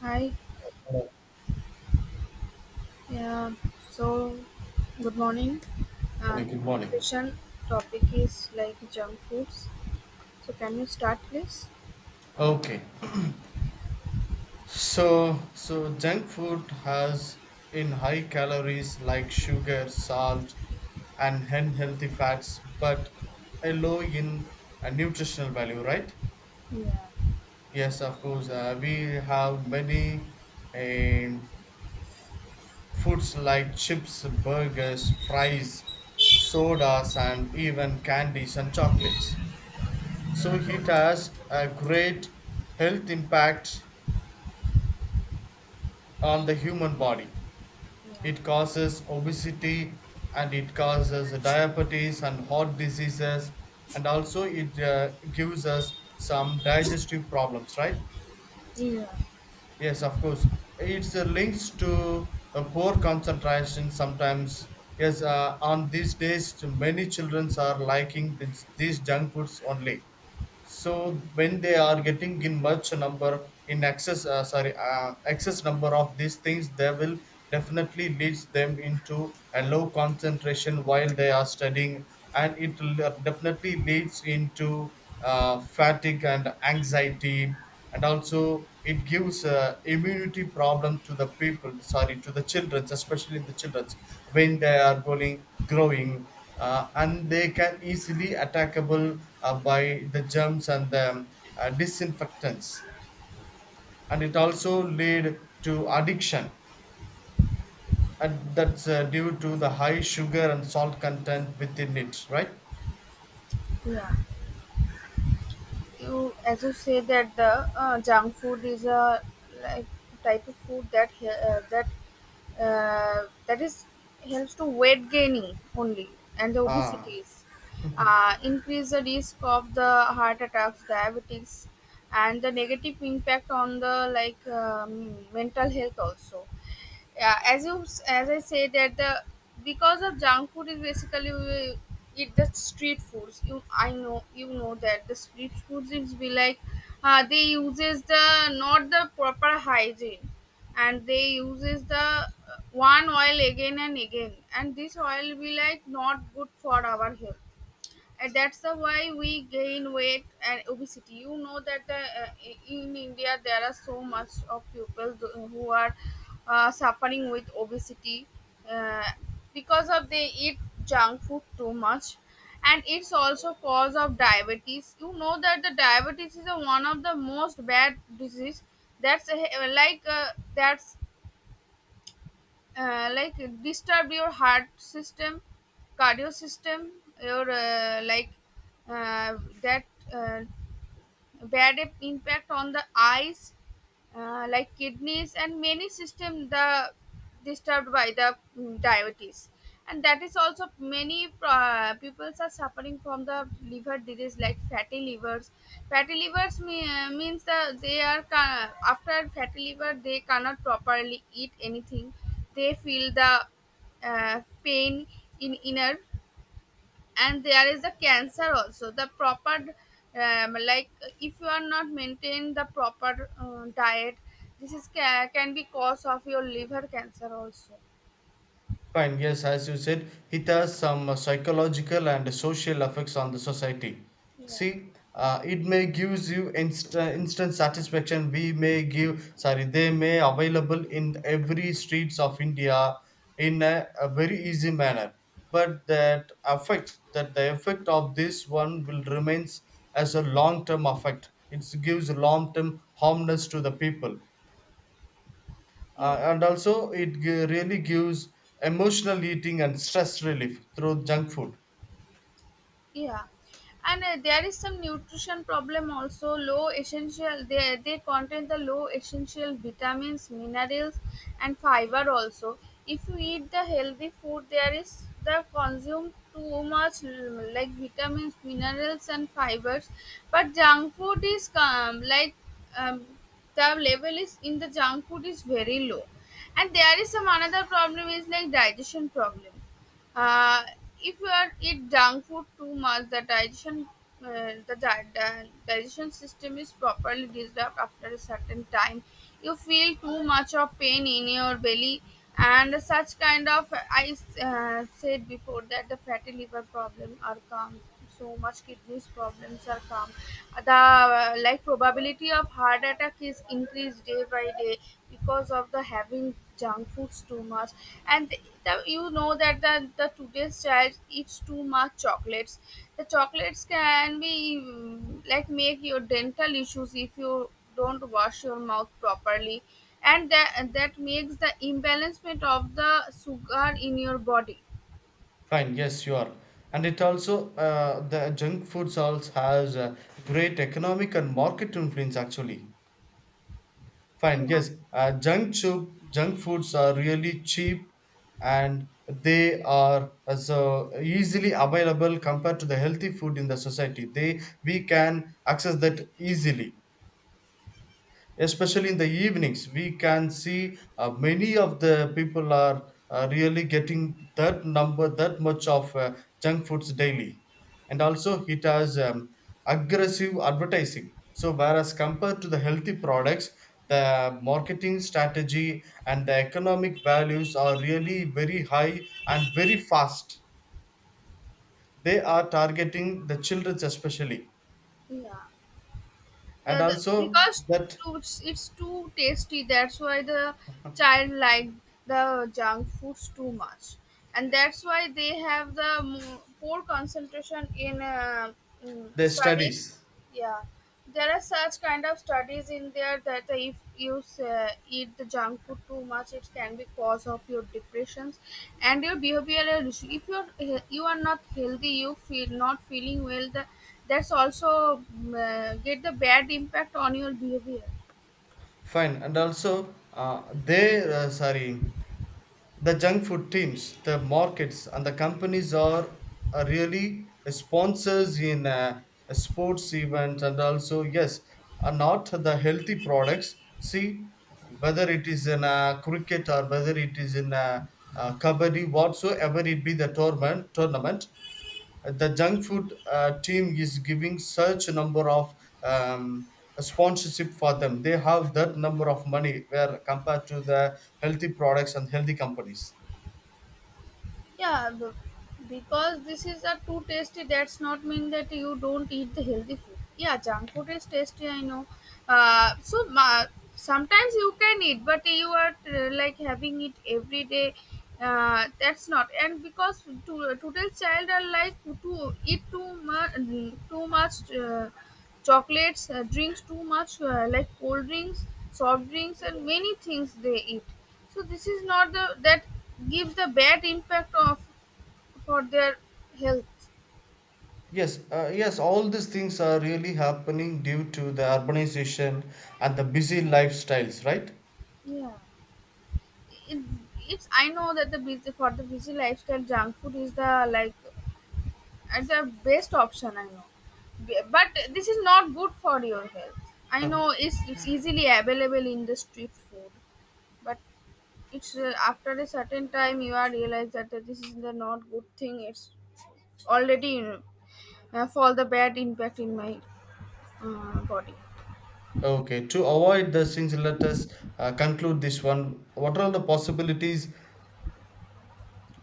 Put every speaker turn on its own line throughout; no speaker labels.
Hi, yeah, so good morning. And
Morning. Good morning.
session topic is like junk foods. So can you start please?
Okay. So junk food has in high calories like sugar, salt, and unhealthy fats, but a low in a nutritional value, right?
Yeah.
Yes, of course. We have many um, foods like chips, burgers, fries, sodas, and even candies and chocolates. So it has a great health impact on the human body. It causes obesity and it causes diabetes and heart diseases, and also it gives us some digestive problems, right?
Yeah,
Yes, of course. It's links to a poor concentration sometimes. Yes, on these days, many children are liking these junk foods only, so when they are getting in much number in excess sorry excess number of these things, they will definitely leads them into a low concentration while they are studying, and definitely leads into fatigue and anxiety, and also it gives immunity problem to the children especially the children when they are growing, and they can easily attackable by the germs and the disinfectants, and it also lead to addiction, and that's due to the high sugar and salt content within it, right?
yeah. you as you say that the junk food is a like type of food that he- that that is helps to weight gaining only, and the
Ah.
obesities increase the risk of the heart attacks, diabetes, and the negative impact on the like mental health also. Yeah, as you as I say that the because of junk food is basically we eat the street foods. You, I know, you know that the street foods is be like, they uses the not the proper hygiene, and they uses the one oil again and again, and this oil be like not good for our health. And that's the why we gain weight and obesity. You know that the, in India there are so much of who are suffering with obesity, uh, because of they eat junk food too much. And it's also cause of diabetes. You know that the diabetes is a, one of the most bad disease. That's a, like uh, that's uh, like disturb your heart system, cardio system, your like that uh, bad impact on the eyes, like kidneys and many system the disturbed by the diabetes. And that is also many people are suffering from the liver disease like fatty livers. Fatty livers means that after fatty liver they cannot properly eat anything. They feel the pain in inner. And there is the cancer also the proper, like if you are not maintain the proper diet, this can be cause of your liver cancer also.
Fine, yes, as you said, it has some psychological and social effects on the society. See, it may gives you instant satisfaction. We may give, sorry, They may available in every streets of India in a very easy manner. But that the effect of this one will remains as a long term effect. It gives long term harmness to the people,
Yeah.
and also it really gives emotional eating and stress relief through junk food.
Yeah, and there is some nutrition problem also. Low essential, they contain the low essential vitamins, minerals, and fiber also. If you eat the healthy food, there is the consume too much like vitamins, minerals, and fibers. But junk food is like um, the level is in the junk food is very low. And there is some another problem is like digestion problem. uh, if you are eat junk food too much, the digestion, digestion system is properly disturbed after a certain time. You feel too much of pain in your belly, and such kind of I said before that the fatty liver problem are comes, so much kidneys problems are come, the like probability of heart attack is increased day by day because of the having junk foods too much. And the, you know that the today's child eats too much chocolates. The chocolates can be, like, make your dental issues if you don't wash your mouth properly. And that makes the imbalancement of the sugar in your body.
Fine, yes, you are, and it also, the junk foods also has a great economic and market influence actually. Fine,
Yeah.
yes, junk foods are really cheap, and they are so easily available compared to the healthy food in the society, they we can access that easily, especially in the evenings. We can see many of the people are really getting that number, that much of junk foods daily. And also it has aggressive advertising, so whereas compared to the healthy products, the marketing strategy and the economic values are really very high and very fast. They are targeting the children especially,
Yeah, the,
and
the
also
because
that
too, it's too tasty, that's why the child like the junk foods too much. And that's why they have the poor concentration in
their
studies.
studies.
Yeah, there are such kind of studies in there that if you eat the junk food too much, it can be cause of your depressions and your behavioral issue. If you are you are not healthy, you feel not feeling well. The, that's also get the bad impact on your behavior.
Fine, and also, the junk food teams, the markets, and the companies are really sponsors in sports events, and also yes, are not the healthy products. See, whether it is in cricket or whether it is in kabaddi, whatsoever it be the tournament, the junk food team is giving such a number of um, sponsorship for them. They have that number of money where compared to the healthy products and healthy companies.
Yeah, because this is a too tasty. That's not mean that you don't eat the healthy food. Yeah, junk food is tasty. I know. So ma sometimes you can eat, but you are like having it every day. That's not. And because to, today's child are like to eat too much, too much. Chocolates, drinks too much, like cold drinks, soft drinks and many things they eat. So this is not the that gives the bad impact of for their health.
Yes, yes, all these things are really happening due to the urbanization and the busy lifestyles, right?
Yeah. It, it's, I know that the busy, for the busy lifestyle, junk food is the like at the best option. I know, but this is not good for your health. I
Huh.
know it's easily available in the street food, but it's, after a certain time you are realize that this is the not good thing. It's already for the bad impact in my body.
Okay, to avoid the things, let us conclude this one. What are the possibilities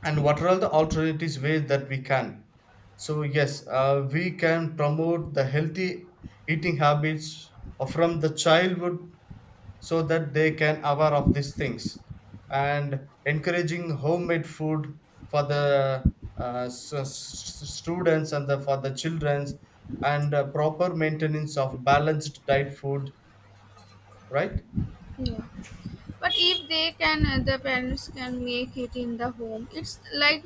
and what are all the alternatives ways that we can, so yes, we can promote the healthy eating habits from the childhood, so that they can aware of these things, and encouraging homemade food for the students and the, for the childrens, and proper maintenance of balanced diet food, right?
Yeah. But if they can, the parents can make it in the home. It's like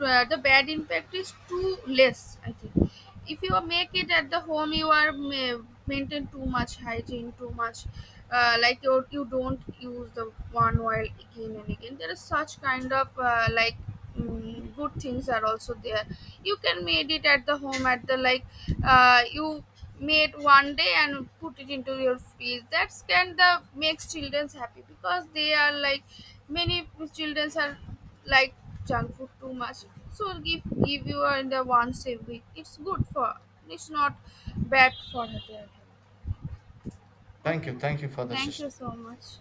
the bad impact is too less, I think. If you make it at the home, you are maintain too much hygiene, too much. Like you don't use the one oil again and again. There is such kind of good things are also there. You can made it at the home at the like you made one day and put it into your fridge. That's can the makes children happy because they are like many children are like junk food too much. So give you in the once a week, it's good for, it's not bad for her.
thank
Okay,
you thank you for the
thank you
session.
so much.